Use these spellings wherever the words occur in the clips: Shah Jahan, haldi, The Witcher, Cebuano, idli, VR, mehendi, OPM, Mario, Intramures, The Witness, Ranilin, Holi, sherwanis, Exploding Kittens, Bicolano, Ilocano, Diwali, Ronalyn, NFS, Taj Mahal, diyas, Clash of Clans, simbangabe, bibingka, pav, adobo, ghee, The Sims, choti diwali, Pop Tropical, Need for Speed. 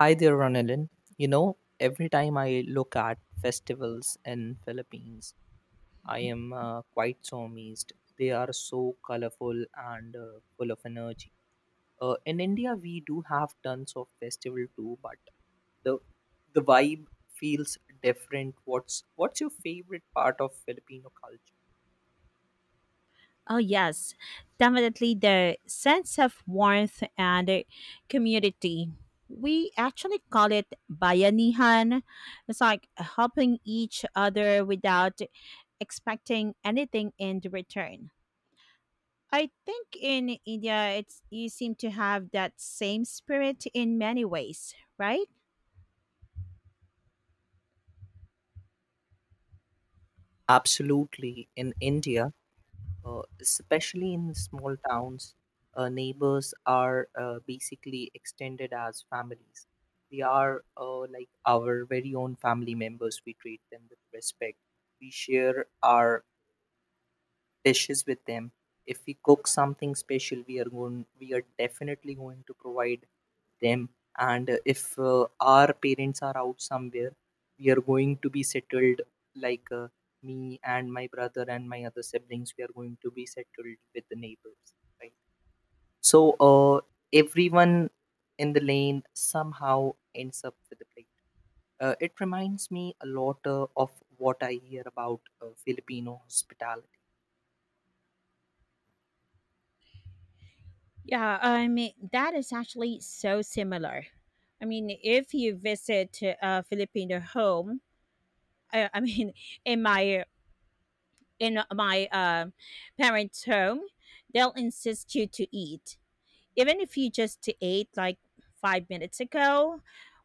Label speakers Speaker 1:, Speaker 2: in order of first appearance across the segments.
Speaker 1: Hi there, Ranilin. You know, every time I look at festivals in Philippines, I am quite so amazed. They are so colorful and full of energy. In India, we do have tons of festival too, but the the vibe feels different. What's your favorite part of Filipino culture?
Speaker 2: Oh, yes, definitely the sense of warmth and community. We actually call it bayanihan. It's like helping each other without expecting anything in return. I think in India, it's you seem to have that same spirit in many ways, right?
Speaker 1: Absolutely, in India. Especially in small towns, neighbors are basically extended as families. They are like our very own family members. We treat them with respect. We share our dishes with them. If we cook something special, we are definitely going to provide them. And if our parents are out somewhere, we are going to be settled like me and my brother and my other siblings. We are going to be settled with the neighbors, right? So everyone in the lane somehow ends up with a plate. It reminds me a lot of what I hear about Filipino hospitality.
Speaker 2: Yeah, I mean that is actually so similar. I mean, if you visit a Filipino home, I mean, in my in my parents' home, they'll insist you to eat, even if you just ate like 5 minutes ago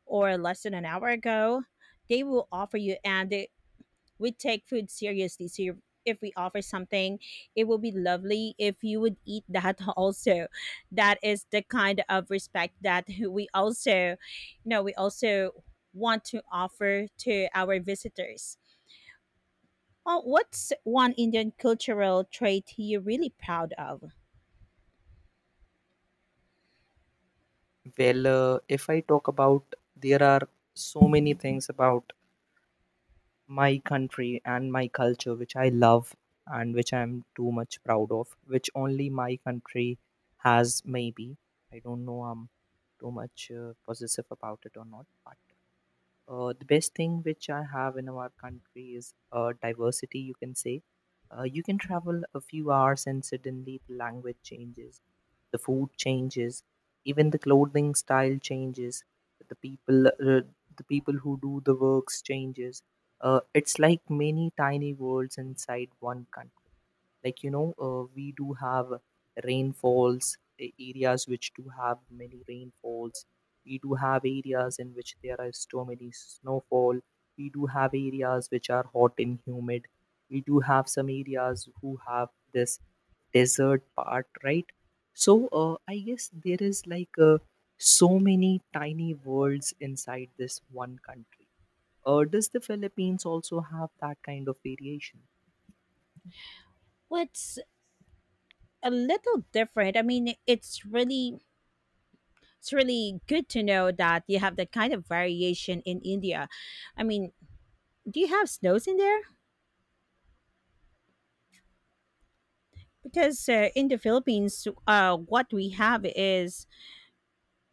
Speaker 2: or less than an hour ago. They will offer you, we take food seriously. So you if we offer something, it will be lovely if you would eat that also. That is the kind of respect that we also want to offer to our visitors. Oh, what's one Indian cultural trait you're really proud of?
Speaker 1: Well, if I talk about, there are so many things about my country and my culture which I love and which I'm too much proud of, which only my country has, maybe. I don't know, I'm too much possessive about it or not, but the best thing which I have in our country is diversity, you can say. You can travel a few hours and suddenly the language changes, the food changes, even the clothing style changes, the people, uh, the people who do the works changes. It's like many tiny worlds inside one country. Like we do have rainfalls, areas which do have many rainfalls, we do have areas in which there is too many snowfall, we do have areas which are hot and humid, we do have some areas who have this desert part, right? So I guess there is like so many tiny worlds inside this one country. Does the Philippines also have that kind of variation?
Speaker 2: What's a little different? I mean, it's really good to know that you have that kind of variation in India. I mean, do you have snows in there? Because in the Philippines, what we have is,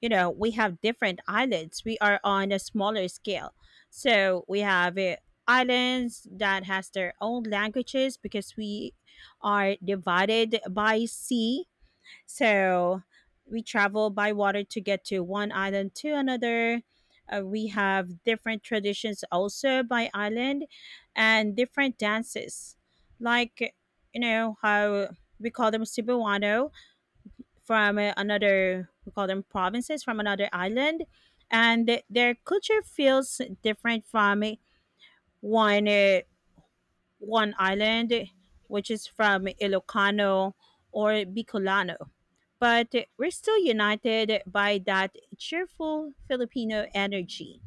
Speaker 2: you know, we have different islands. We are on a smaller scale. So we have islands that has their own languages because we are divided by sea. So we travel by water to get to one island to another. We have different traditions also by island and different dances. Like, you know, how we call them Cebuano from another, we call them provinces from another island. And their culture feels different from one, uh, one island, which is from Ilocano or Bicolano, but we're still united by that cheerful Filipino energy.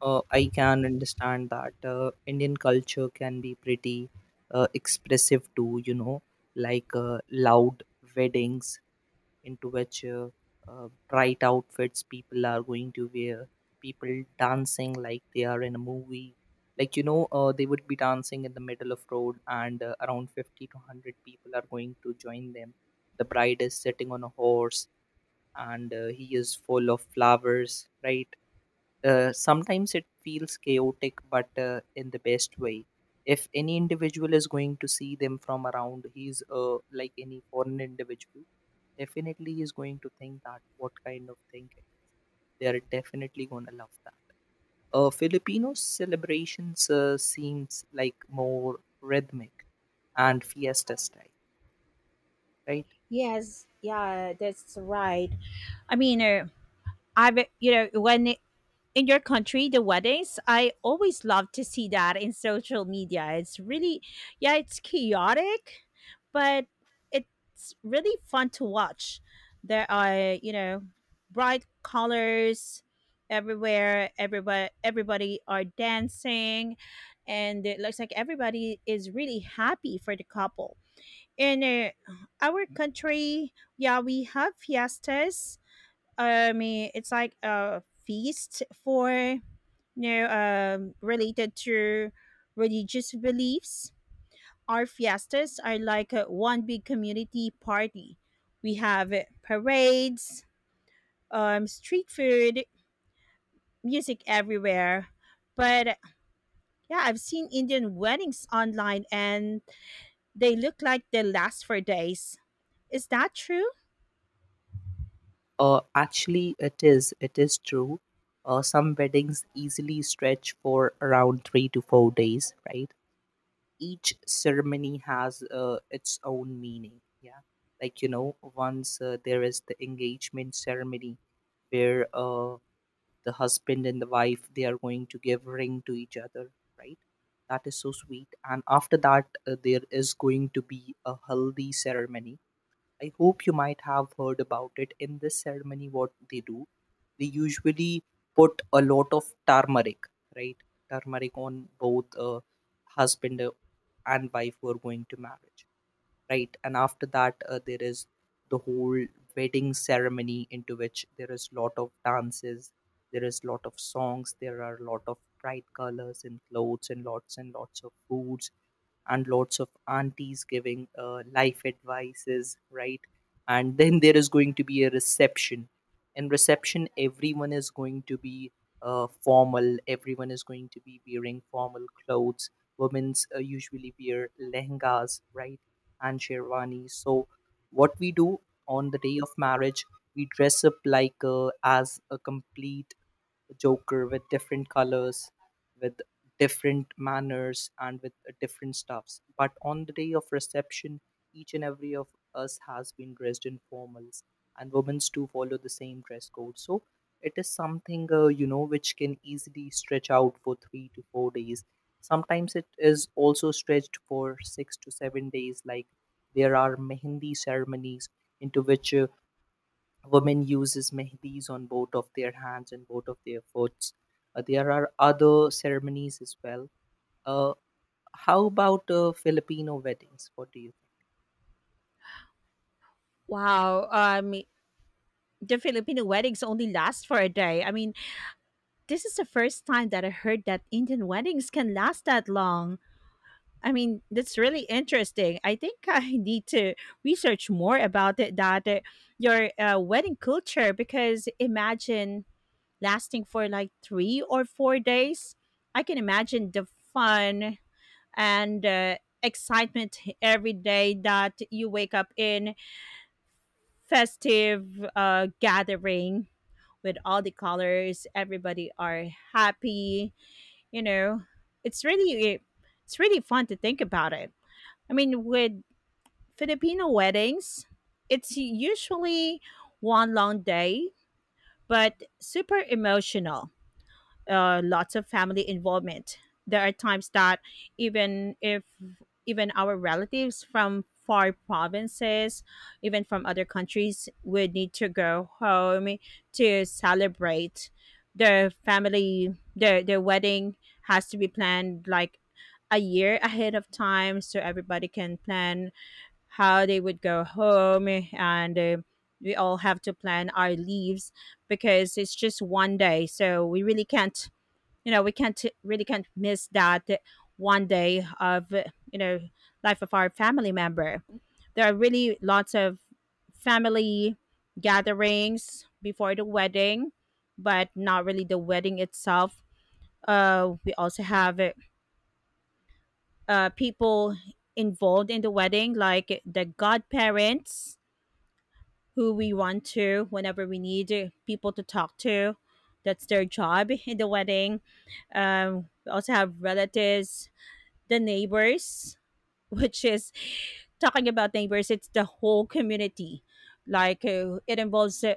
Speaker 1: I can understand that Indian culture can be pretty expressive too, you know, like loud weddings into which bright outfits people are going to wear, people dancing like they are in a movie. Like, you know, they would be dancing in the middle of road and around 50 to 100 people are going to join them. The bride is sitting on a horse and he is full of flowers, right? Sometimes it feels chaotic, but in the best way. If any individual is going to see them from around, he's like any foreign individual, definitely he is going to think that what kind of thing it is. They are definitely going to love that. Filipino celebrations seems like more rhythmic and fiesta style, right?
Speaker 2: Yes, yeah, that's right. I mean, I've you know, when in your country, the weddings, I always love to see that in social media. It's really, yeah, it's chaotic, but it's really fun to watch. There are, you know, bright colors everywhere. Everybody are dancing, and it looks like everybody is really happy for the couple. In our country, yeah, we have fiestas. I mean, it's like a feast for, no, related to religious beliefs, our fiestas are like one big community party. We have parades, street food, music everywhere. But yeah, I've seen Indian weddings online, and they look like they last for days. Is that true?
Speaker 1: Actually, it is. It is true. Some weddings easily stretch for around 3 to 4 days, right? Each ceremony has its own meaning. Yeah. Like, you know, once there is the engagement ceremony where the husband and the wife, they are going to give ring to each other, right? That is so sweet. And after that, there is going to be a haldi ceremony. I hope you might have heard about it. In this ceremony, what they do, they usually put a lot of turmeric, right? Turmeric on both husband and wife who are going to marriage, right? And after that, there is the whole wedding ceremony into which there is lot of dances, there is lot of songs, there are lot of bright colors and clothes and lots of foods and lots of aunties giving life advices, right? And then there is going to be a reception. In reception, everyone is going to be formal, everyone is going to be wearing formal clothes. Women's usually wear lehengas, right? And sherwanis. So what we do on the day of marriage, we dress up like as a complete joker with different colors, with different manners and with different stuffs. But on the day of reception, each and every of us has been dressed in formals, and women do follow the same dress code. So it is something you know which can easily stretch out for 3 to 4 days. Sometimes it is also stretched for 6 to 7 days. Like, there are mehendi ceremonies into which women uses Mehndi's on both of their hands and both of their foots. There are other ceremonies as well. uh, how about Filipino weddings? What do you think?
Speaker 2: Wow. The Filipino weddings only last for a day. I mean, this is the first time that I heard that Indian weddings can last that long. I mean, that's really interesting. I think I need to research more about it, that your wedding culture, because imagine lasting for like 3 or 4 days. I can imagine the fun and excitement every day that you wake up in festive gathering with all the colors. Everybody are happy. You know, it's really it's really fun to think about it. I mean, with Filipino weddings, it's usually one long day, but super emotional. Lots of family involvement. There are times that even if even our relatives from far provinces, even from other countries, would need to go home to celebrate their family. Their wedding has to be planned like a year ahead of time, so everybody can plan how they would go home. And we all have to plan our leaves, because it's just one day, so we really can't, we can't really, can't miss that one day of you know life of our family member. There are really lots of family gatherings before the wedding, but not really the wedding itself. We also have people involved in the wedding like the godparents, who we want to whenever we need people to talk to. That's their job in the wedding. We also have relatives, the neighbors, which is, talking about neighbors, it's the whole community. Like it involves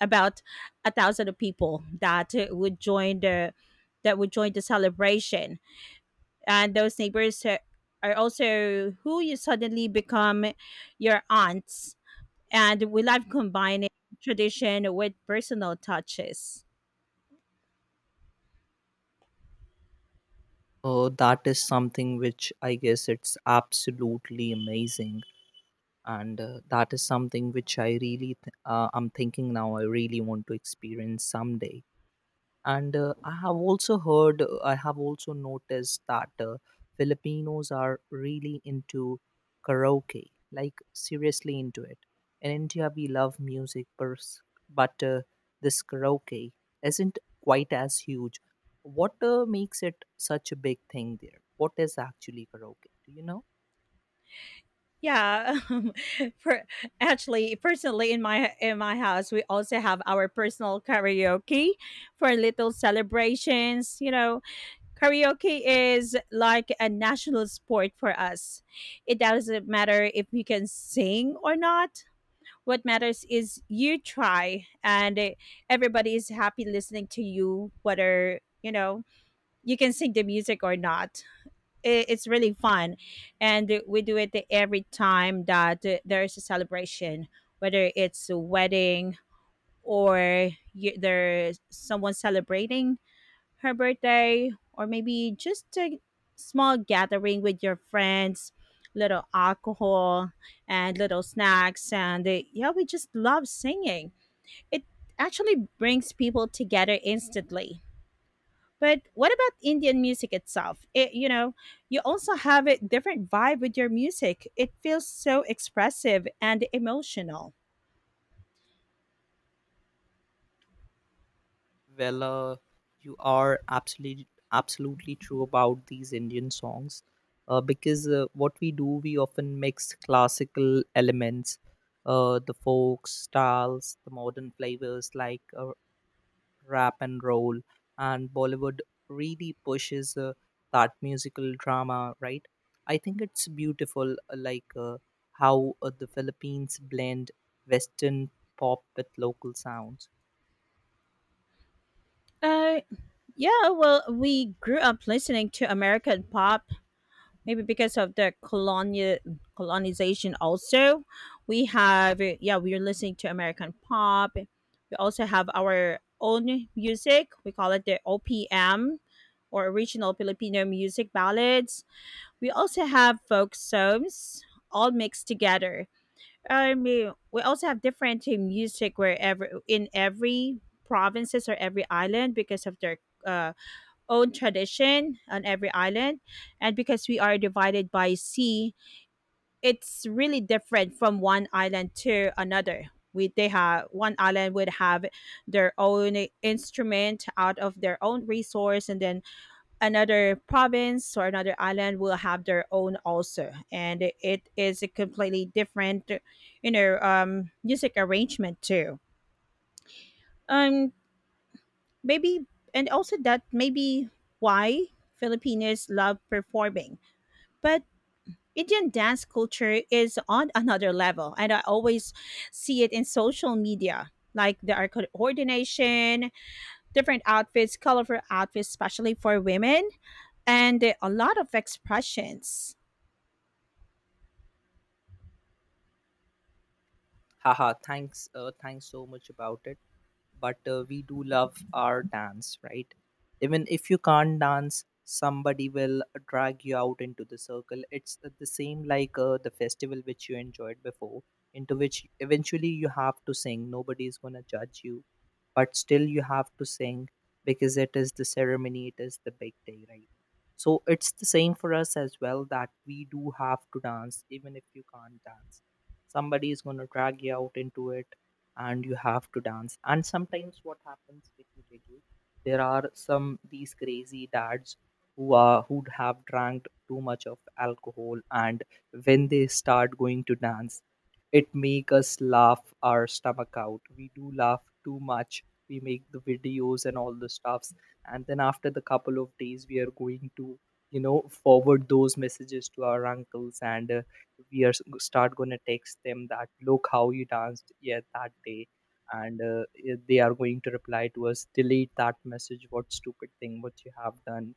Speaker 2: about a thousand of people that would join the that would join the celebration, and those neighbors are also who you suddenly become your aunts, and we love combining tradition with personal touches.
Speaker 1: That is something which I guess it's absolutely amazing, and that is something which I really I'm thinking now. I really want to experience someday. And I have also heard, I have also noticed that Filipinos are really into karaoke, like seriously into it. In India we love music but this karaoke isn't quite as huge. What makes it such a big thing there? What is actually karaoke, do you know?
Speaker 2: Yeah, per, actually, personally, in my house, we also have our personal karaoke for little celebrations. You know, karaoke is like a national sport for us. It doesn't matter if you can sing or not. What matters is you try, and everybody is happy listening to you, whether, you know, you can sing the music or not. It's really fun, and we do it every time that there is a celebration, whether it's a wedding, or there's someone celebrating her birthday, or maybe just a small gathering with your friends, little alcohol and little snacks. And yeah, we just love singing. It actually brings people together instantly. But what about Indian music itself? You also have a different vibe with your music. It feels so expressive and emotional.
Speaker 1: Well, you are absolutely true about these Indian songs, because what we do, we often mix classical elements, the folk styles, the modern flavors like rap and roll, and Bollywood really pushes that musical drama, right? I think it's beautiful, like how the Philippines blend Western pop with local sounds.
Speaker 2: Uh, Yeah, well, we grew up listening to American pop, maybe because of the colonial colonization also. We have Yeah, we are listening to American pop. We also have our own music. We call it the OPM, or original Filipino music ballads. We also have folk songs, all mixed together. I mean, we also have different music wherever, in every provinces or every island, because of their uh, own tradition on every island. And because we are divided by sea, it's really different from one island to another. They have, one island would have their own instrument out of their own resource, and then another province or another island will have their own also, and it is a completely different, music arrangement too. um Maybe, and also that maybe why Filipinos love performing. But Indian dance culture is on another level, and I always see it in social media. Like there are coordination, different outfits, colorful outfits, especially for women, and a lot of expressions.
Speaker 1: Haha, thanks thanks so much about it. But we do love our dance, right? Even if you can't dance, somebody will drag you out into the circle. It's the same like the festival which you enjoyed before, into which eventually you have to sing. Nobody is going to judge you, but still you have to sing because it is the ceremony, it is the big day, right? So it's the same for us as well that we do have to dance, even if you can't dance. Somebody is going to drag you out into it and you have to dance. And sometimes what happens, let me tell you, there are some these crazy dads who are who'd have drank too much of alcohol, and when they start going to dance, it make us laugh our stomach out. We do laugh too much, we make the videos and all the stuffs, and then after the couple of days we are going to, you know, forward those messages to our uncles. And we are start going to text them that look how you danced, yeah, that day. And they are going to reply to us, delete that message, what stupid thing what you have done.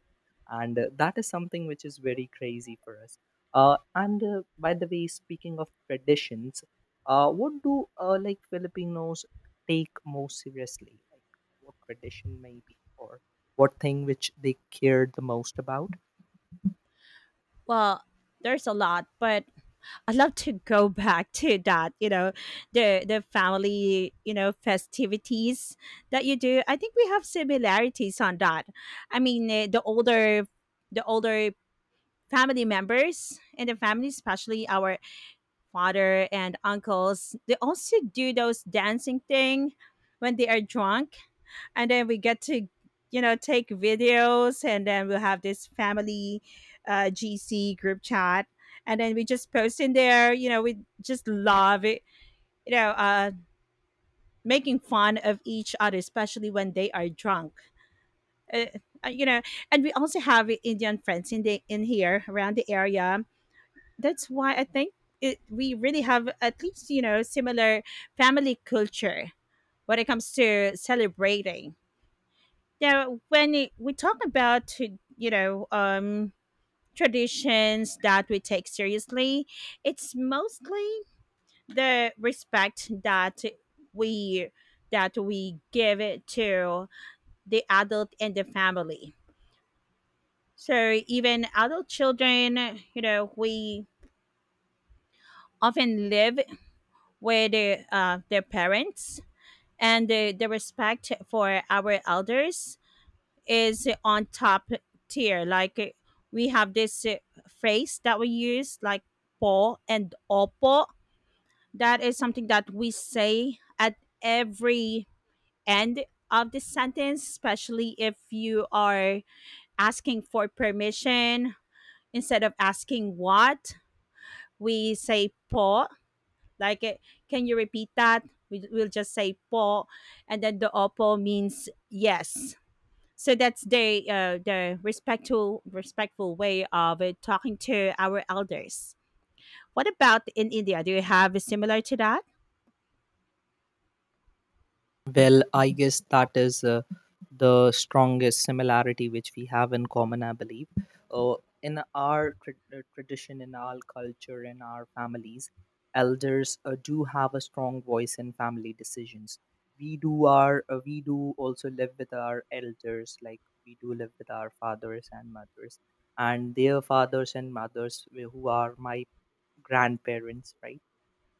Speaker 1: And that is something which is very crazy for us. And By the way, speaking of traditions, what do like Filipinos take most seriously? Like what tradition maybe or what thing which they cared the most about?
Speaker 2: Well, there's a lot, but I'd love to go back to that. You know, the family festivities that you do. I think we have similarities on that. I mean, the older family members and the family, especially our father and uncles, they also do those dancing thing when they are drunk. And then we get to take videos, and then we'll have this family GC group chat. And then we just post in there we just love it, you know, uh, making fun of each other, especially when they are drunk. Uh, uh, you know, and we also have Indian friends in the in here around the area. That's why I think we really have at least similar family culture when it comes to celebrating. Now, when we talk about you know um, traditions that we take seriously, it's mostly the respect that we we give it to the adult and the family. So even adult children, we often live with their parents, and the respect for our elders is on top tier, like we have this phrase that we use, like po and opo. That is something that we say at every end of the sentence, especially if you are asking for permission. Instead of asking what, we say po. Like, can you repeat that? We'll just say po, and then the opo means yes. So that's the respectful way of talking to our elders. What about in India? Do you have a similar to that?
Speaker 1: Well, I guess that is the strongest similarity which we have in common, I believe. Uh, in our tradition, in our culture, in our families, elders do have a strong voice in family decisions. We do also live with our elders, like we do live with our fathers and mothers, and their fathers and mothers who are my grandparents, right?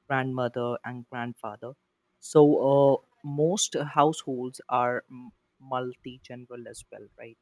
Speaker 1: Grandmother and grandfather. So uh, most households are multi-general as well, right?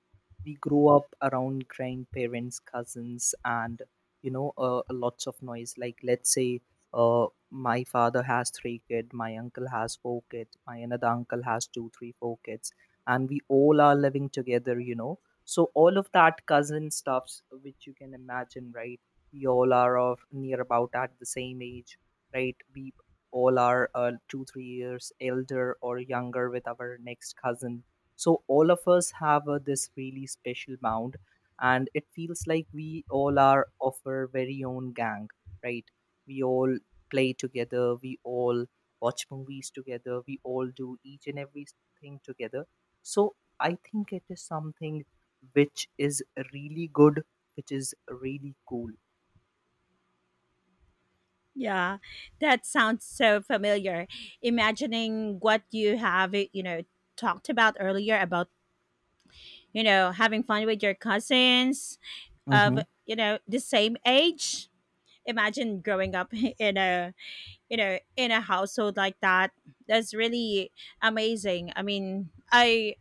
Speaker 1: We grow up around grandparents, cousins, and you know lots of noise. Like let's say my father has three kids, my uncle has four kids, my another uncle has two, three, four kids, and we all are living together. You know, so all of that cousin stuffs which you can imagine, right? We all are of near about at the same age, right? We all are two, 3 years elder or younger with our next cousin. So all of us have this really special bond, and it feels like we all are of our very own gang, right? We all play together, we all watch movies together, we all do each and everything together. So I think it is something which is really good, which is really cool.
Speaker 2: Yeah, that sounds so familiar. Imagining what you have, talked about earlier about, having fun with your cousins of, the same age. Imagine growing up in a, in a household like that. That's really amazing. I mean, I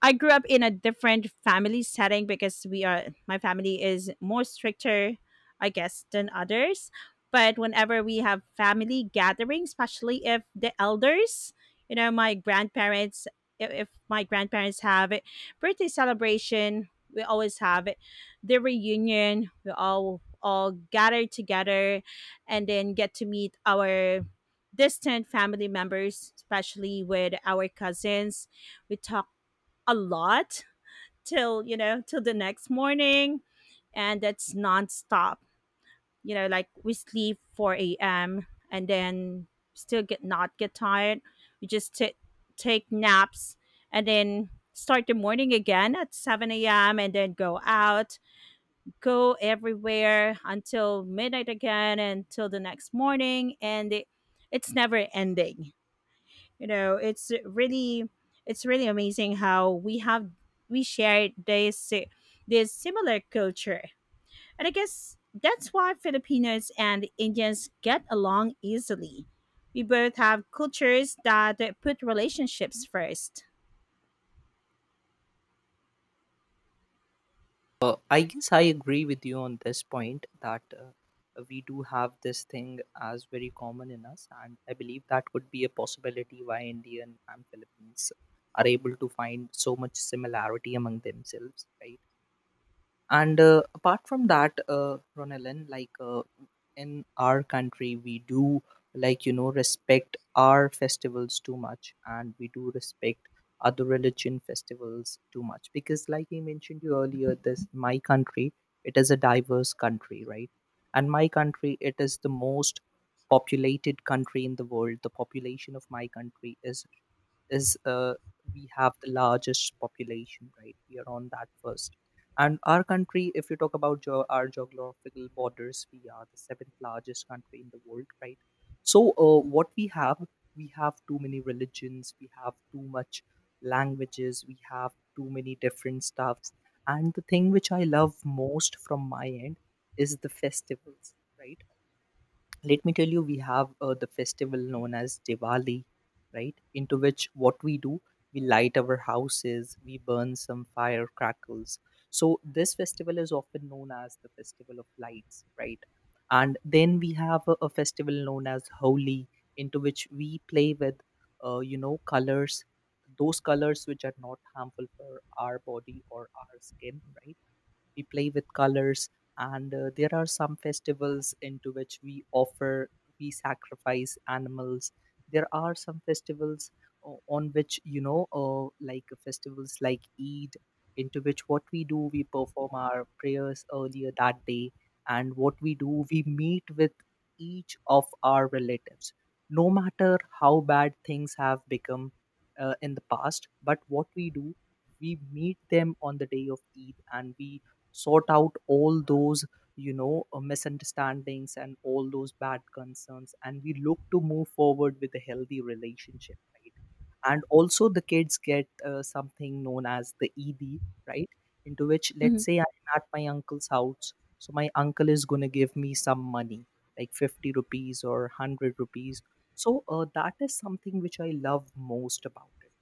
Speaker 2: I grew up in a different family setting, because we are my family is more stricter, I guess, than others. But whenever we have family gatherings, especially if the elders, you know, my grandparents, if my grandparents have it, birthday celebration, we always have it, the reunion, we all gather together, and then get to meet our distant family members, especially with our cousins. We talk a lot, till you know till the next morning, and that's nonstop. Like, we sleep 4 a.m., and then still get not get tired. We just take naps, and then start the morning again at 7 a.m., and then go out, go everywhere until midnight again, until the next morning. And it's never ending. you know it's really it's really amazing how we share this similar culture. And I guess that's why Filipinos and Indians get along easily. We both have cultures that put relationships first.
Speaker 1: I guess I agree with you on this point that we do have this thing as very common in us, and I believe that would be a possibility why Indian and Philippines are able to find so much similarity among themselves, right? And apart from that, Ronalyn, like in our country, we do like you know respect our festivals too much, and we do respect other religion festivals too much because, like I mentioned you earlier, this my country it is a diverse country, right? And my country it is the most populated country in the world. The population of my country is we have the largest population, right? We are on that first, and our country, if you talk about our geographical borders, we are the seventh largest country in the world, right? So, what we have too many religions, we have too much languages, we have too many different stuffs. And the thing which I love most from my end is the festivals, right? Let me tell you, we have the festival known as Diwali, right, into which what we do, we light our houses, we burn some firecrackers. So this festival is often known as the festival of lights, right? And then we have a festival known as Holi, into which we play with colors, those colors which are not harmful for our body or our skin, right? We play with colors. And there are some festivals into which we offer, we sacrifice animals. There are some festivals on which like festivals like Eid, into which what we do, we perform our prayers earlier that day. And what we do, we meet with each of our relatives, no matter how bad things have become in the past. But what we do, we meet them on the day of Eid, and we sort out all those misunderstandings and all those bad concerns, and we look to move forward with a healthy relationship, right? And also the kids get something known as the ed, right, into which, let's
Speaker 2: Mhm.
Speaker 1: say I'm at my uncle's house. So my uncle is going to give me some money, like 50 rupees or 100 rupees. So that is something which I love most about it.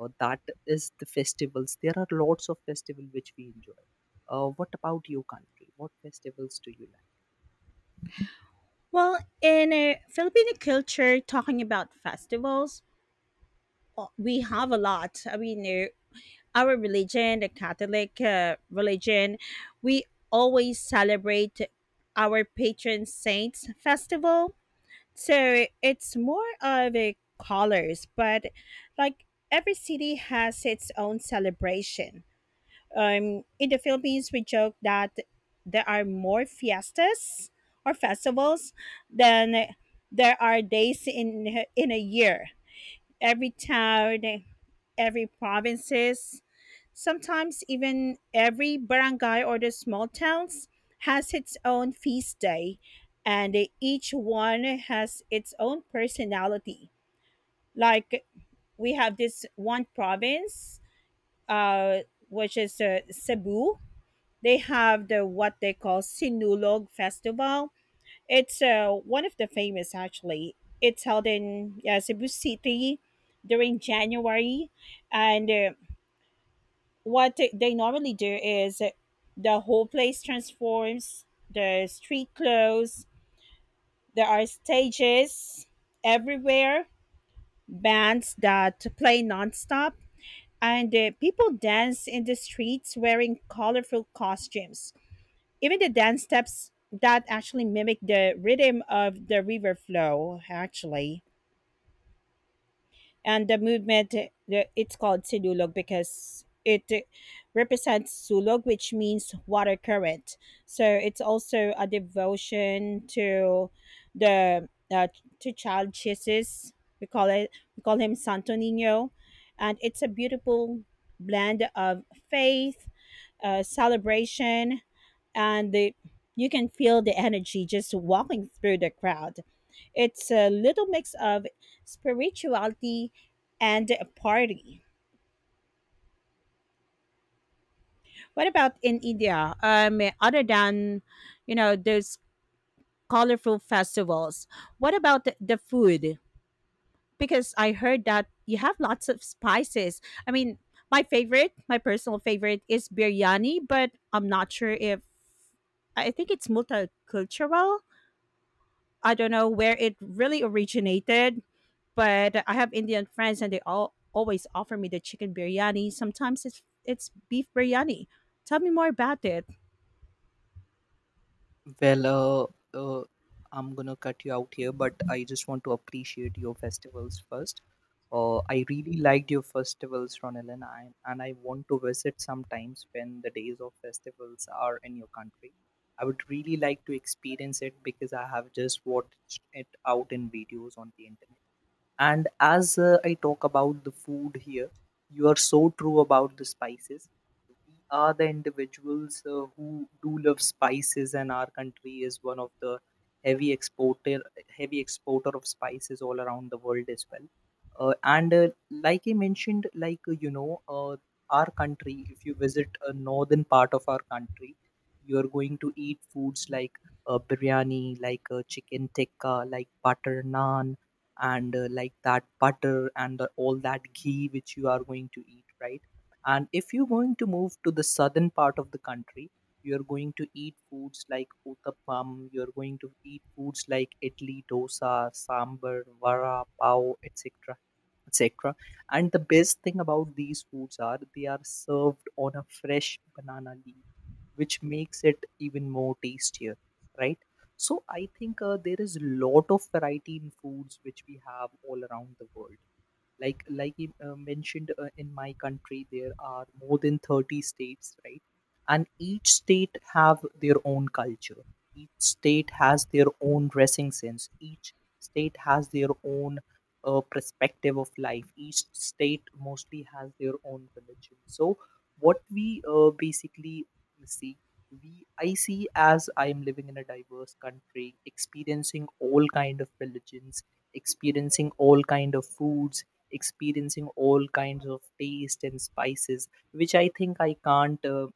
Speaker 1: That is the festivals. There are lots of festival which we enjoy. What about your country? What festivals do you
Speaker 2: Well, in a Filipino culture, talking about festivals, we have a lot. Our religion, the Catholic religion, we always celebrate our patron saints festival. So it's more of a colors, but like every city has its own celebration. In the Philippines, we joke that there are more fiestas or festivals than there are days in a year. Every town, every provinces, sometimes even every barangay or the small towns has its own feast day, and each one has its own personality. Like we have this one province, uh, which is Cebu, they have the what they call Sinulog Festival. It's one of the famous actually. It's held in Cebu City during January, and what they normally do is the whole place transforms. The street clothes. There are stages everywhere. Bands that play nonstop, and people dance in the streets wearing colorful costumes. Even the dance steps that actually mimic the rhythm of the river flow, actually, and the movement it's called Silulog because it represents Sulog, which means water current. So it's also a devotion to the to child Jesus. We call it we call him Santo Nino, and it's a beautiful blend of faith, celebration, and the you can feel the energy just walking through the crowd. It's a little mix of spirituality and party. What about in India? Other than you know those colorful festivals, what about the food? Because I heard that you have lots of spices. I mean, my personal favorite, is biryani, but I'm not sure if I think it's multicultural. I don't know where it really originated, but I have Indian friends and they all always offer me the chicken biryani. Sometimes it's beef biryani. Tell me more about it.
Speaker 1: like? Well uh, uh, I'm gonna cut you out here, but I just want to appreciate your festivals first. I really liked your festivals, Ronil, and I want to visit sometimes when the days of festivals are in your country. I would really like to experience it, because I have just watched it out in videos on the internet. And as I talk about the food here, you are so true about the spices. We are the individuals who do love spices, and our country is one of the heavy exporter heavy exporter of spices all around the world as well. And Like I mentioned, our country, if you visit a northern part of our country, you are going to eat foods like biryani, like chicken tikka, like butter naan, and like that butter and all that ghee which you are going to eat, right? And if you're going to move to the southern part of the country, you're going to eat foods like uttappam, you're going to eat foods like idli, dosa, sambar, vara, pav, etc. etc. And the best thing about these foods are they are served on a fresh banana leaf, which makes it even more tastier, right? So I think there is a lot of variety in foods which we have all around the world. Like you mentioned, in my country there are more than 30 states, right? And each state have their own culture, each state has their own dressing sense, each state has their own perspective of life, each state mostly has their own religion. So what we basically see, we I see, as I am living in a diverse country, experiencing all kind of religions, experiencing all kind of foods, experiencing all kinds of taste and spices, which I think I can't uh,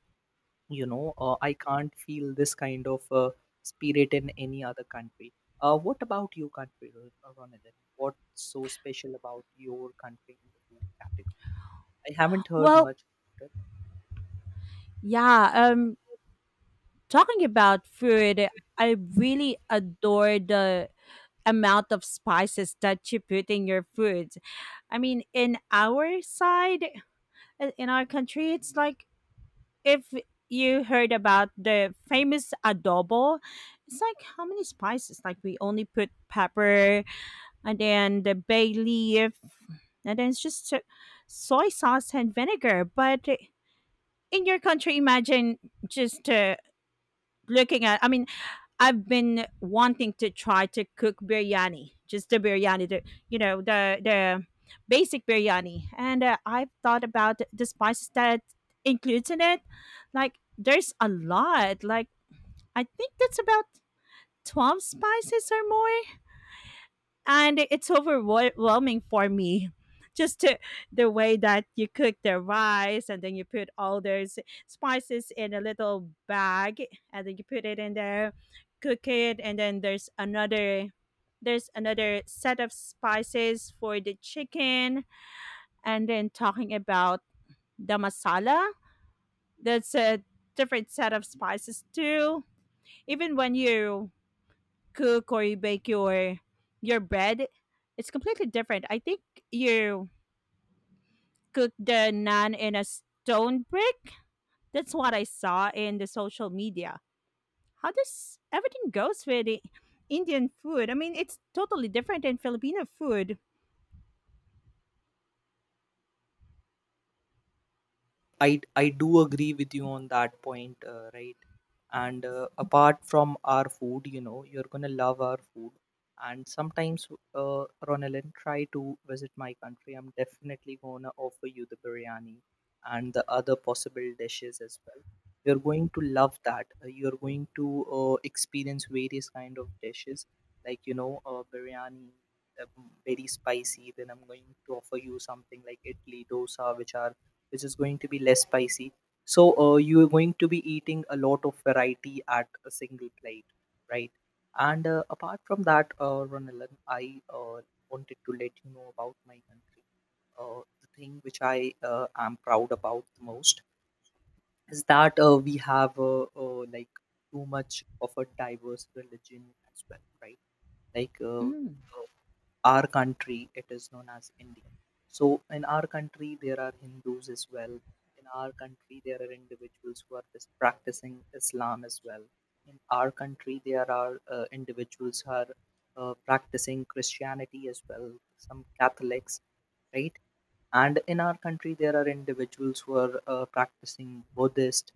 Speaker 1: you know uh, I can't feel this kind of spirit in any other country. What about your country, Ronathan? What's so special about your country in the food category? I haven't heard
Speaker 2: Well,
Speaker 1: much about it.
Speaker 2: yeah, talking about food, I really adore the amount of spices that you put in your food. I mean, in our side, in our country, it's like if you heard about the famous adobo, it's like how many spices? Like we only put pepper and then the bay leaf, and then soy sauce and vinegar. But in your country, imagine just looking at, I mean, I've been wanting to try to cook biryani, just the biryani, the you know the the basic biryani, and I've thought about the spices that includes in it. There's a lot. I think that's about 12 spices or more, and it's overwhelming for me, just to, the way that you cook the rice and then you put all those spices in a little bag and then you put it in there, cook it, and then there's another set of spices for the chicken. And then talking about the masala, that's a different set of spices too. Even when you cook or you bake your bread, it's completely different. I think you cook the naan in a stone brick. That's what I saw in the social media. How does everything goes with the Indian food? I mean, it's totally different than Filipino food.
Speaker 1: I do agree with you on that point, right? And apart from our food, you know, you're gonna love our food. And sometimes, Ronalyn, try to visit my country. I'm definitely gonna offer you the biryani and the other possible dishes as well. You're going to love that. You're going to experience various kind of dishes, like you know, biryani, uh, very spicy. Then I'm going to offer you something like idli, dosa, which is going to be less spicy. So you are going to be eating a lot of variety at a single plate, right? And apart from that, Ronalan, I wanted to let you know about my country. The thing which I am proud about the most is that we have like too much of a diverse religion as well, right? Like uh,
Speaker 2: Mm.
Speaker 1: uh, our country, it is known as India. So in our country there are Hindus as well, in our country there are individuals who are practicing Islam as well, in our country there are individuals who are practicing Christianity as well, some Catholics, right? And in our country there are individuals who are practicing buddhist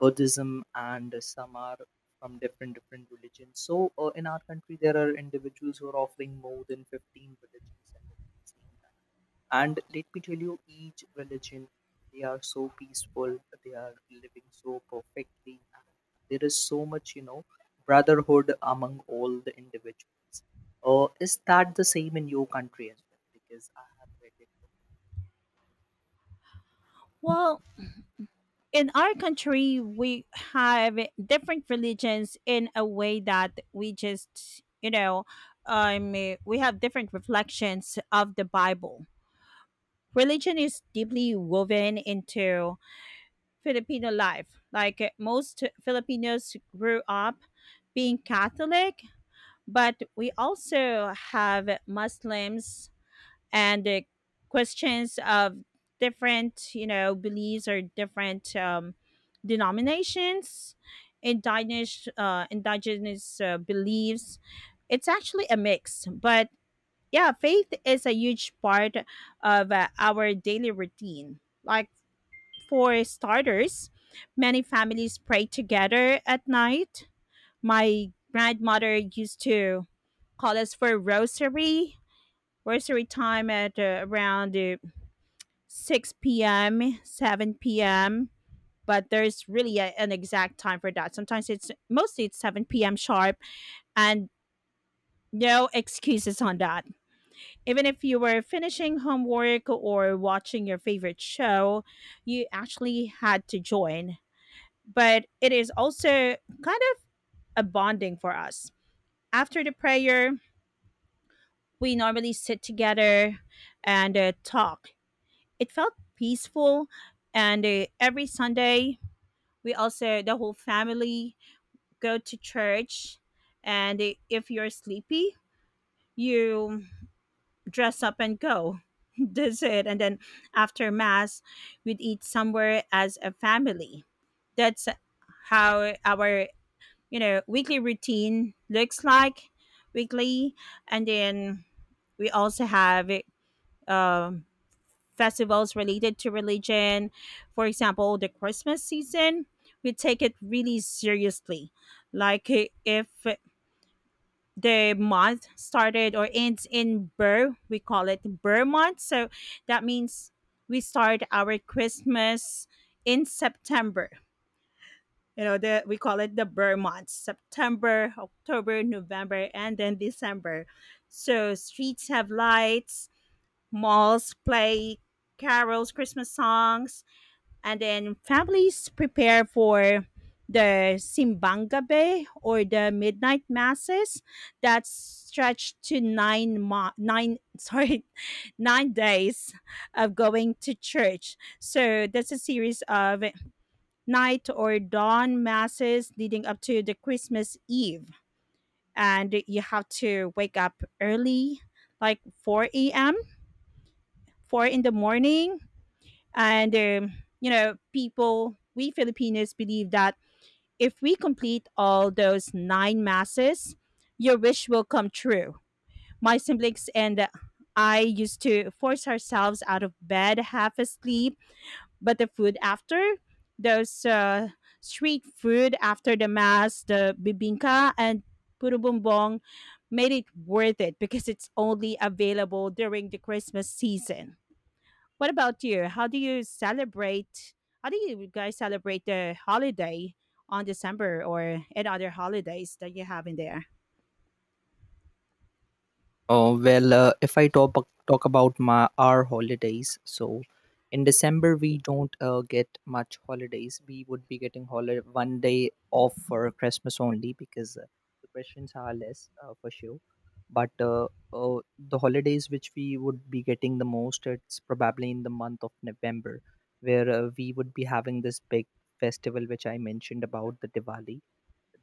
Speaker 1: Buddhism, and some are from different different religions. So in our country, there are individuals who are offering more than 15 religions at the same time. And let me tell you, each religion, they are so peaceful, they are living so perfectly, and there is so much, you know, brotherhood among all the individuals. Is that the same in your country as well? Because I have read.
Speaker 2: Well, in our country, we have different religions in a way that we just, you know, um, we have different reflections of the Bible. Religion is deeply woven into Filipino life. Like most Filipinos grew up being Catholic, but we also have Muslims and Christians of different, you know, beliefs or different denominations, indigenous beliefs. It's actually a mix, but yeah, faith is a huge part of our daily routine. Like, for starters, many families pray together at night. My grandmother used to call us for rosary, rosary time at around 6 p.m., 7 p.m. But there's really a, an exact time for that. Sometimes it's 7 p.m. sharp, and no excuses on that. Even if you were finishing homework or watching your favorite show, you actually had to join. But it is also kind of a bonding for us. After the prayer, we normally sit together and talk. It felt peaceful, and every Sunday, we also, the whole family, go to church. And if you're sleepy, you dress up and go. That's it. And then after mass, we'd eat somewhere as a family. That's how our, you know, weekly routine looks like weekly. And then we also have um, festivals related to religion. For example, the Christmas season, we take it really seriously. If the month started or ends in Burr. We call it Burr month. So that means we start our Christmas in September. You know, the, we call it the Burr month, September, October, November, and then December. So streets have lights, malls play carols, Christmas songs, and then families prepare for the simbangabe or the midnight masses that stretch to nine sorry 9 days of going to church. So that's a series of night or dawn masses leading up to the Christmas Eve, and you have to wake up early, like 4 a.m, 4 in the morning, and, um, you know, people, we Filipinos believe that if we complete all those nine masses, your wish will come true. My siblings and I used to force ourselves out of bed half asleep, but the food after, those street food after the mass, the bibingka and purubumbong, made it worth it because it's only available during the Christmas season. What about you? How do you celebrate? How do you guys celebrate the holiday on December, or any other holidays that you have in there?
Speaker 1: Oh, well, if I talk about my our holidays, so in December we don't get much holidays. We would be getting holiday one day off for Christmas only, because the questions are less for sure. But the holidays which we would be getting the most, it's probably in the month of November, where we would be having this big festival which I mentioned about, the Diwali,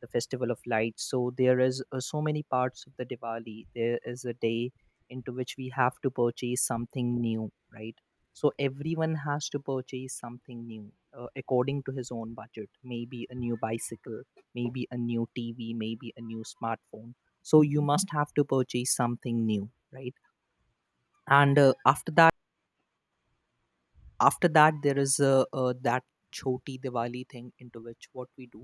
Speaker 1: the festival of lights. So there is so many parts of the Diwali. There is a day into which we have to purchase something new, right? So everyone has to purchase something new according to his own budget, maybe a new bicycle, maybe a new TV, maybe a new smartphone. So you must have to purchase something new, right? And after that, after that there is a, that choti Diwali thing, into which what we do,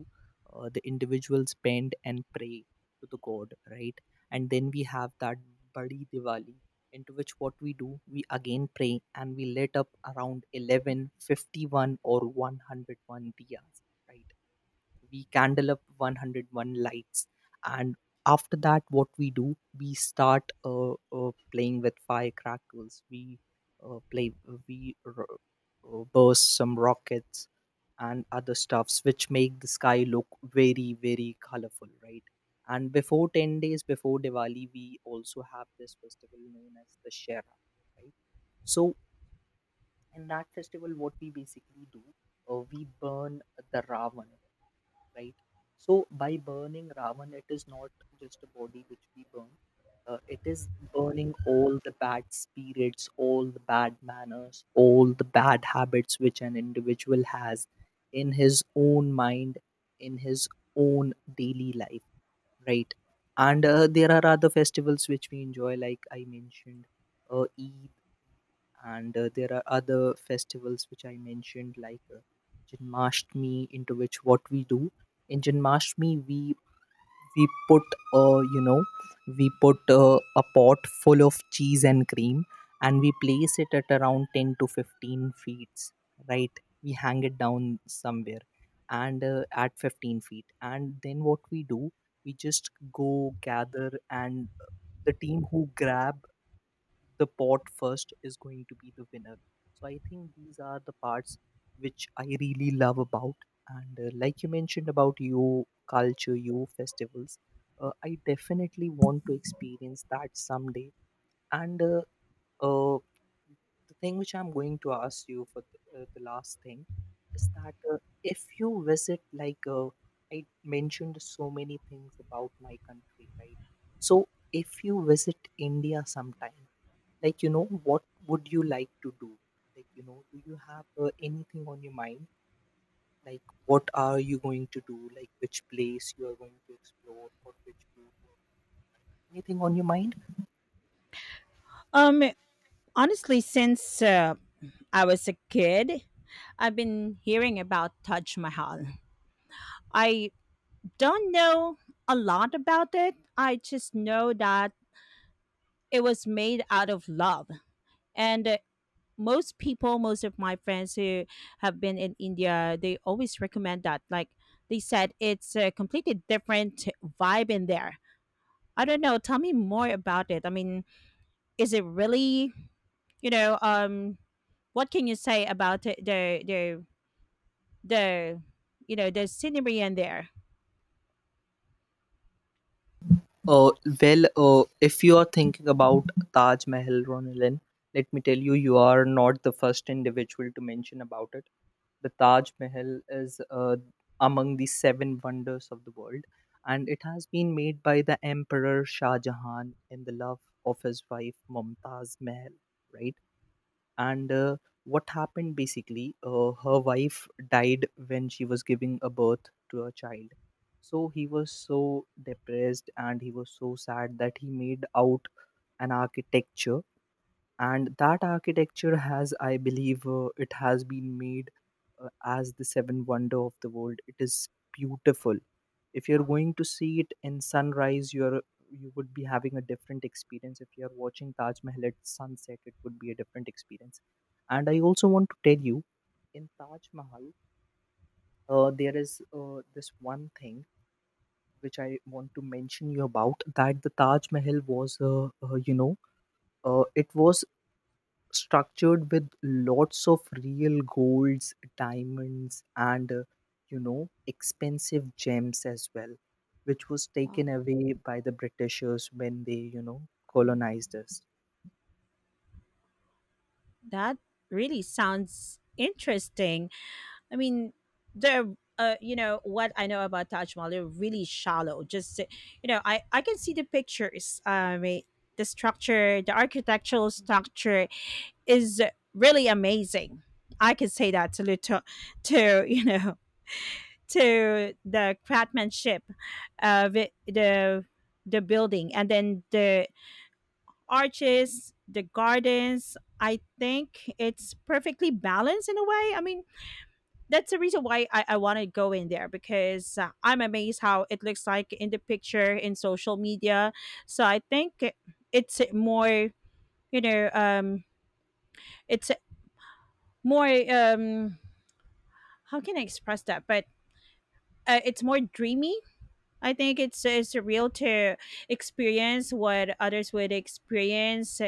Speaker 1: the individuals bend and pray to the god, right? And then we have that badi Diwali, into which what we do, we again pray and we lit up around 11:51 or 101 diyas, right? We candle up 101 lights. And after that what we do, we start playing with firecrackers. We play, we burst some rockets and other stuffs which make the sky look very very colorful, right? And before 10 days before Diwali, we also have this festival known as the shera, right? So in that festival what we basically do, we burn the Ravan, right? So by burning Ravan, it is not just a body which we burn. It is burning all the bad spirits, all the bad manners, all the bad habits which an individual has in his own mind, in his own daily life, right? And there are other festivals which we enjoy, like I mentioned, Eid, and there are other festivals which I mentioned, like Janmashtami, into which what we do, in Janmashtami we put uh, you know we put a pot full of cheese and cream, and we place it at around 10 to 15 feet, right? We hang it down somewhere, and at 15 feet, and then what we do, we just go gather, and the team who grab the pot first is going to be the winner. So I think these are the parts which I really love about. And like you mentioned about your culture, your festivals, I definitely want to experience that someday. And uh, the thing which I'm going to ask you for the last thing is that if you visit, I mentioned so many things about my country, right? So if you visit India sometime, like you know, what would you like to do? Like you know, do you have anything on your mind, like what are you going to do, like which place you are going to explore, or which food? Anything on your mind?
Speaker 2: Um, Honestly, since I was a kid, I've been hearing about Taj Mahal. I don't know a lot about it. I just know that it was made out of love. And most people, most of my friends who have been in India, they always recommend that. Like, they said, it's a completely different vibe in there. I don't know. Tell me more about it. I mean, is it really, you know, what can you say about it, the you know, the scenery in there?
Speaker 1: Uh, well, if you are thinking about Taj Mahal, Ronalyn, let me tell you, you are not the first individual to mention about it. The Taj Mahal is among the seven wonders of the world, and it has been made by the Emperor Shah Jahan in the love of his wife Mumtaz Mahal, right? And what happened basically her wife died when she was giving a birth to a child, so he was so depressed and he was so sad that he made out an architecture, and that architecture has, I believe, it has been made as the seven wonder of the world. It is beautiful. If you're going to see it in sunrise, you would be having a different experience. If you're watching Taj Mahal at sunset, it would be a different experience. And I also want to tell you, in Taj Mahal, there is this one thing which I want to mention you about, that the Taj Mahal was it was structured with lots of real golds, diamonds, and expensive gems as well, which was
Speaker 2: Wow,
Speaker 1: taken away by the Britishers when they colonized us.
Speaker 2: that really sounds interesting. I mean, the you know, what I know about Taj Mahal, they're really shallow. Just, you know, I can see the pictures. The structure, the architectural structure is really amazing. I can say that to you know, to the craftsmanship of it, the building, and then the arches, the gardens. I think it's perfectly balanced in a way. I mean, that's the reason why I want to go in there, because I'm amazed how it looks like in the picture in social media. so i think it- it's more, you know, it's more, how can I express that? But it's more dreamy. I think it's real to experience what others would experience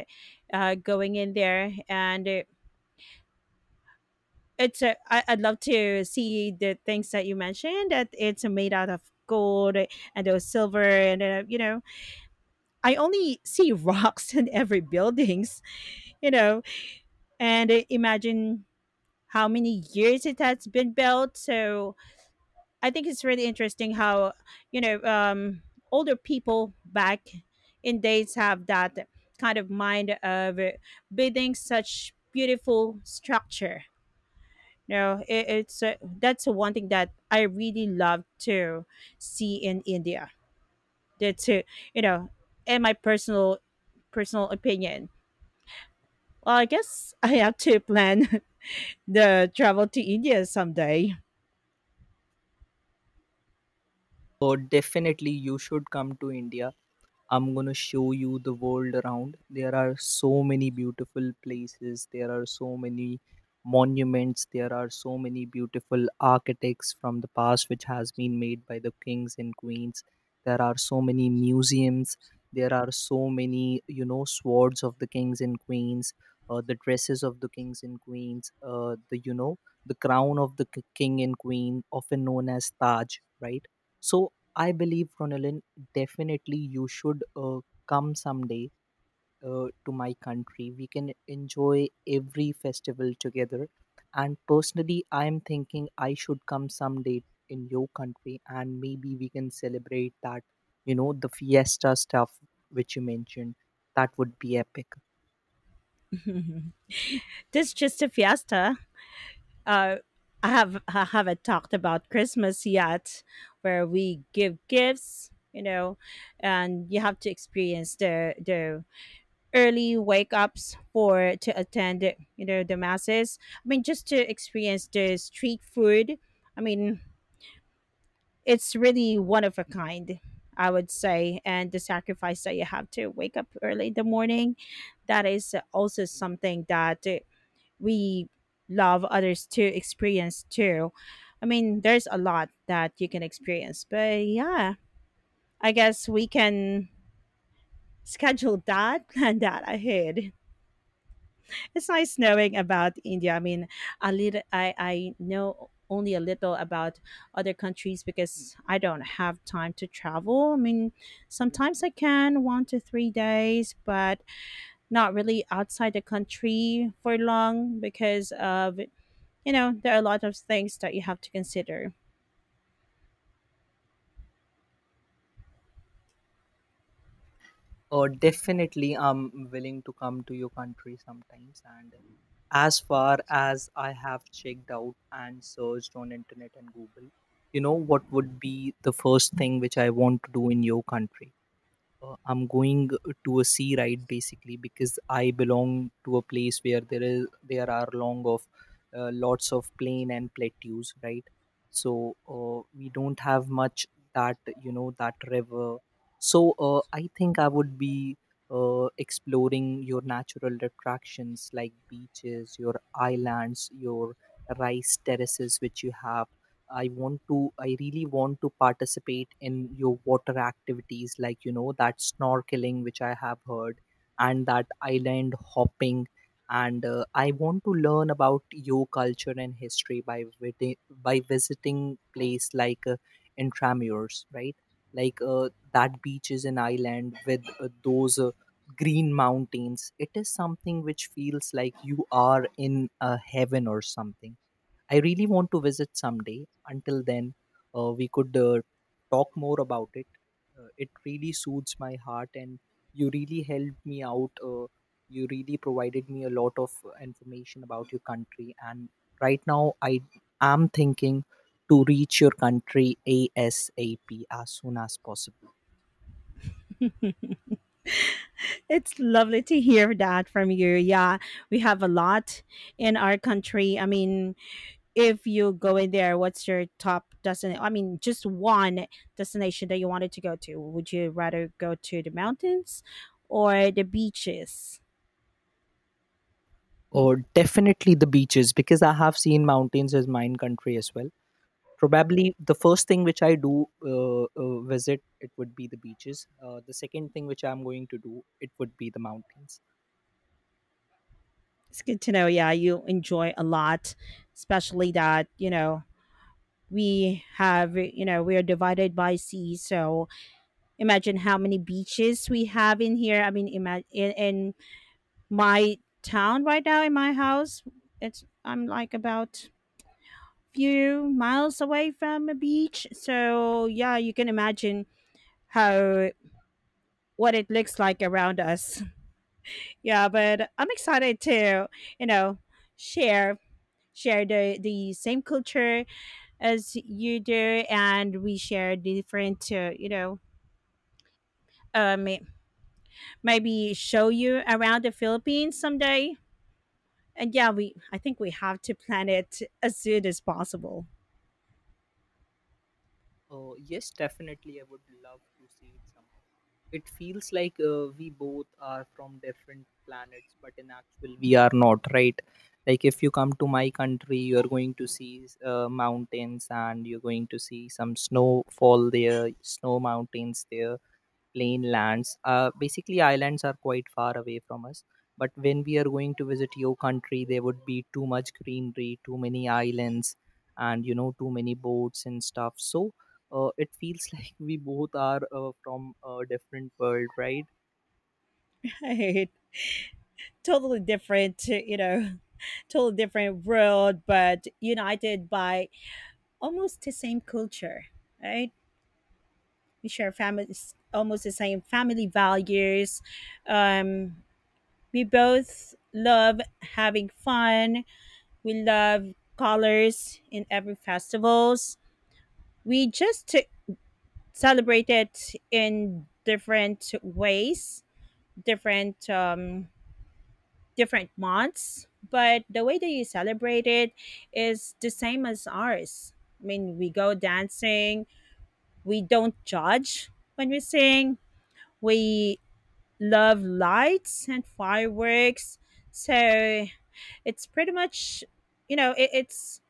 Speaker 2: going in there, and I, I'd love to see the things that you mentioned, that it's made out of gold and those silver and you know, I only see rocks in every buildings, you know, and imagine how many years it has been built. So I think it's really interesting how you know older people back in days have that kind of mind of building such beautiful structure. It's that's one thing that I really love to see in India. That's you know, in my personal opinion. Well, I guess I have to plan the travel to India someday.
Speaker 1: So definitely, you should come to India. I'm gonna show you the world around. There are so many beautiful places, there are so many monuments, there are so many beautiful architects from the past which has been made by the kings and queens. There are so many museums, there are so many, you know, swords of the kings and queens, the dresses of the kings and queens, the, you know, the crown of the king and queen, often known as Taj, right? So I believe, Ronalyn, definitely, you should come someday to my country. We can enjoy every festival together. And personally, I'm thinking I should come someday in your country, and maybe we can celebrate that, you know, the fiesta stuff which you mentioned. That would be epic.
Speaker 2: This just a fiesta. Uh, I have I haven't talked about Christmas yet, where we give gifts, you know, and you have to experience the early wake ups for to attend, you know, the masses. I mean, just to experience the street food. I mean, it's really one of a kind, I would say, and the sacrifice that you have to wake up early in the morning, that is also something that we love others to experience too. I mean, there's a lot that you can experience, but yeah, I guess we can schedule that and that ahead. It's nice knowing about India. I mean, a little, I know only a little about other countries because I don't have time to travel. I mean, sometimes I can one to three days, but not really outside the country for long because of, you know, there are a lot of things that you have to consider.
Speaker 1: Definitely, I'm willing to come to your country sometimes. And as far as I have checked out and searched on internet and Google, you know what would be the first thing which I want to do in your country? I'm going to a sea ride basically because i belong to a place where there are long of lots of plain and plateaus, right? So we don't have much that, you know, that river. So I think I would be exploring your natural attractions like beaches, your islands, your rice terraces which you have. I really want to participate in your water activities, like, you know, that snorkeling, which I have heard, and that island hopping. And I want to learn about your culture and history by, by visiting place like Intramures, right? Like that beach is an island with those green mountains. It is something which feels like you are in a heaven or something. I really want to visit someday. Until then, we could talk more about it. It really soothes my heart, and you really helped me out. You really provided me a lot of information about your country. And right now, I am thinking to reach your country ASAP, as soon as possible.
Speaker 2: It's lovely to hear that from you. Yeah, we have a lot in our country. I mean, if you go in there, what's your top destination? I mean, just one destination that you wanted to go to. Would you rather go to the mountains or the beaches?
Speaker 1: Or definitely the beaches, because I have seen mountains as mine country as well. Probably the first thing which I do, visit, it would be the beaches. The second thing which I'm going to do, it would be the mountains.
Speaker 2: It's good to know. Yeah, you enjoy a lot, especially that, you know, we have, you know, we are divided by sea. So imagine how many beaches we have in here. I mean, imagine, and my town right now in my house, it's I'm like about few miles away from a beach. So yeah, you can imagine how what it looks like around us. Yeah, but I'm excited to, you know, share share the same culture as you do, and we share different you know, um maybe show you around the Philippines someday. And yeah, we I think we have to plan it as soon as possible.
Speaker 1: Yes, definitely, I would love to see it somehow. It feels like we both are from different planets, but in actual we are not, right? Like if you come to my country, you're going to see mountains, and you're going to see some snowfall there, snow mountains there, plain lands. Basically, islands are quite far away from us. But when we are going to visit your country, there would be too much greenery, too many islands, and you know, too many boats and stuff. So it feels like we both are from a different world, right?
Speaker 2: Right, totally different, you know, totally different world, but united by almost the same culture, right? We share families, almost the same family values, um, we both love having fun, we love colors in every festivals. we just t- Celebrate it in different ways, different different months, but the way that you celebrate it is the same as ours. I mean, we go dancing, we don't judge, when we sing, we love lights and fireworks. So it's pretty much, you know, it's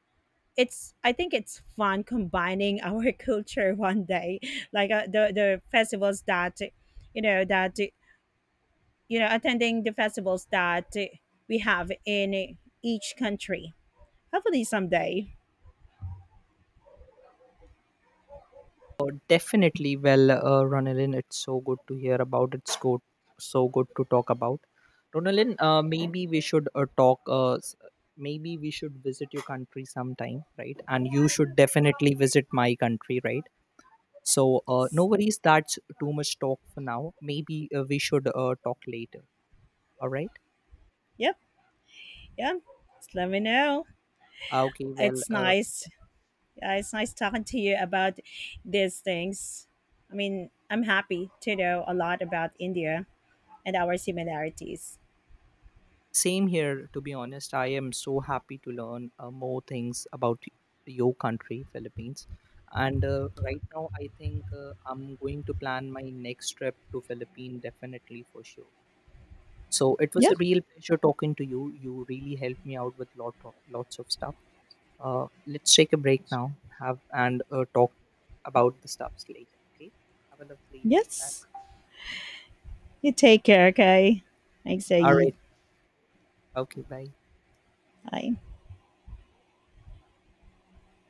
Speaker 2: I think it's fun combining our culture one day, like the festivals that, you know, attending the festivals that we have in each country. Hopefully someday.
Speaker 1: Oh, definitely. Well, Ronalyn, it's so good to hear about. So good to talk about. Ronalyn, maybe we should talk. Maybe we should visit your country sometime, right? And you should definitely visit my country, right? So, no
Speaker 2: Yes.
Speaker 1: worries. That's too much talk for now. Maybe we should talk later. All right.
Speaker 2: Yep. Yeah. Just let me know.
Speaker 1: Okay.
Speaker 2: It's nice Yeah, it's nice talking to you about these things. I mean, I'm happy to know a lot about India and our similarities.
Speaker 1: Same here, to be honest. I am so happy to learn more things about your country, Philippines. And right now, I think I'm going to plan my next trip to Philippines definitely for sure. So it was
Speaker 2: Yep.
Speaker 1: a real pleasure talking to you. You really helped me out with lots of stuff. Let's take a break now. Have and talk about the stuffs later. Okay. Have a lovely day. Bye.
Speaker 2: Yes. You take care, okay? Thanks,
Speaker 1: All
Speaker 2: Saeed.
Speaker 1: right. Okay. Bye.
Speaker 2: Bye.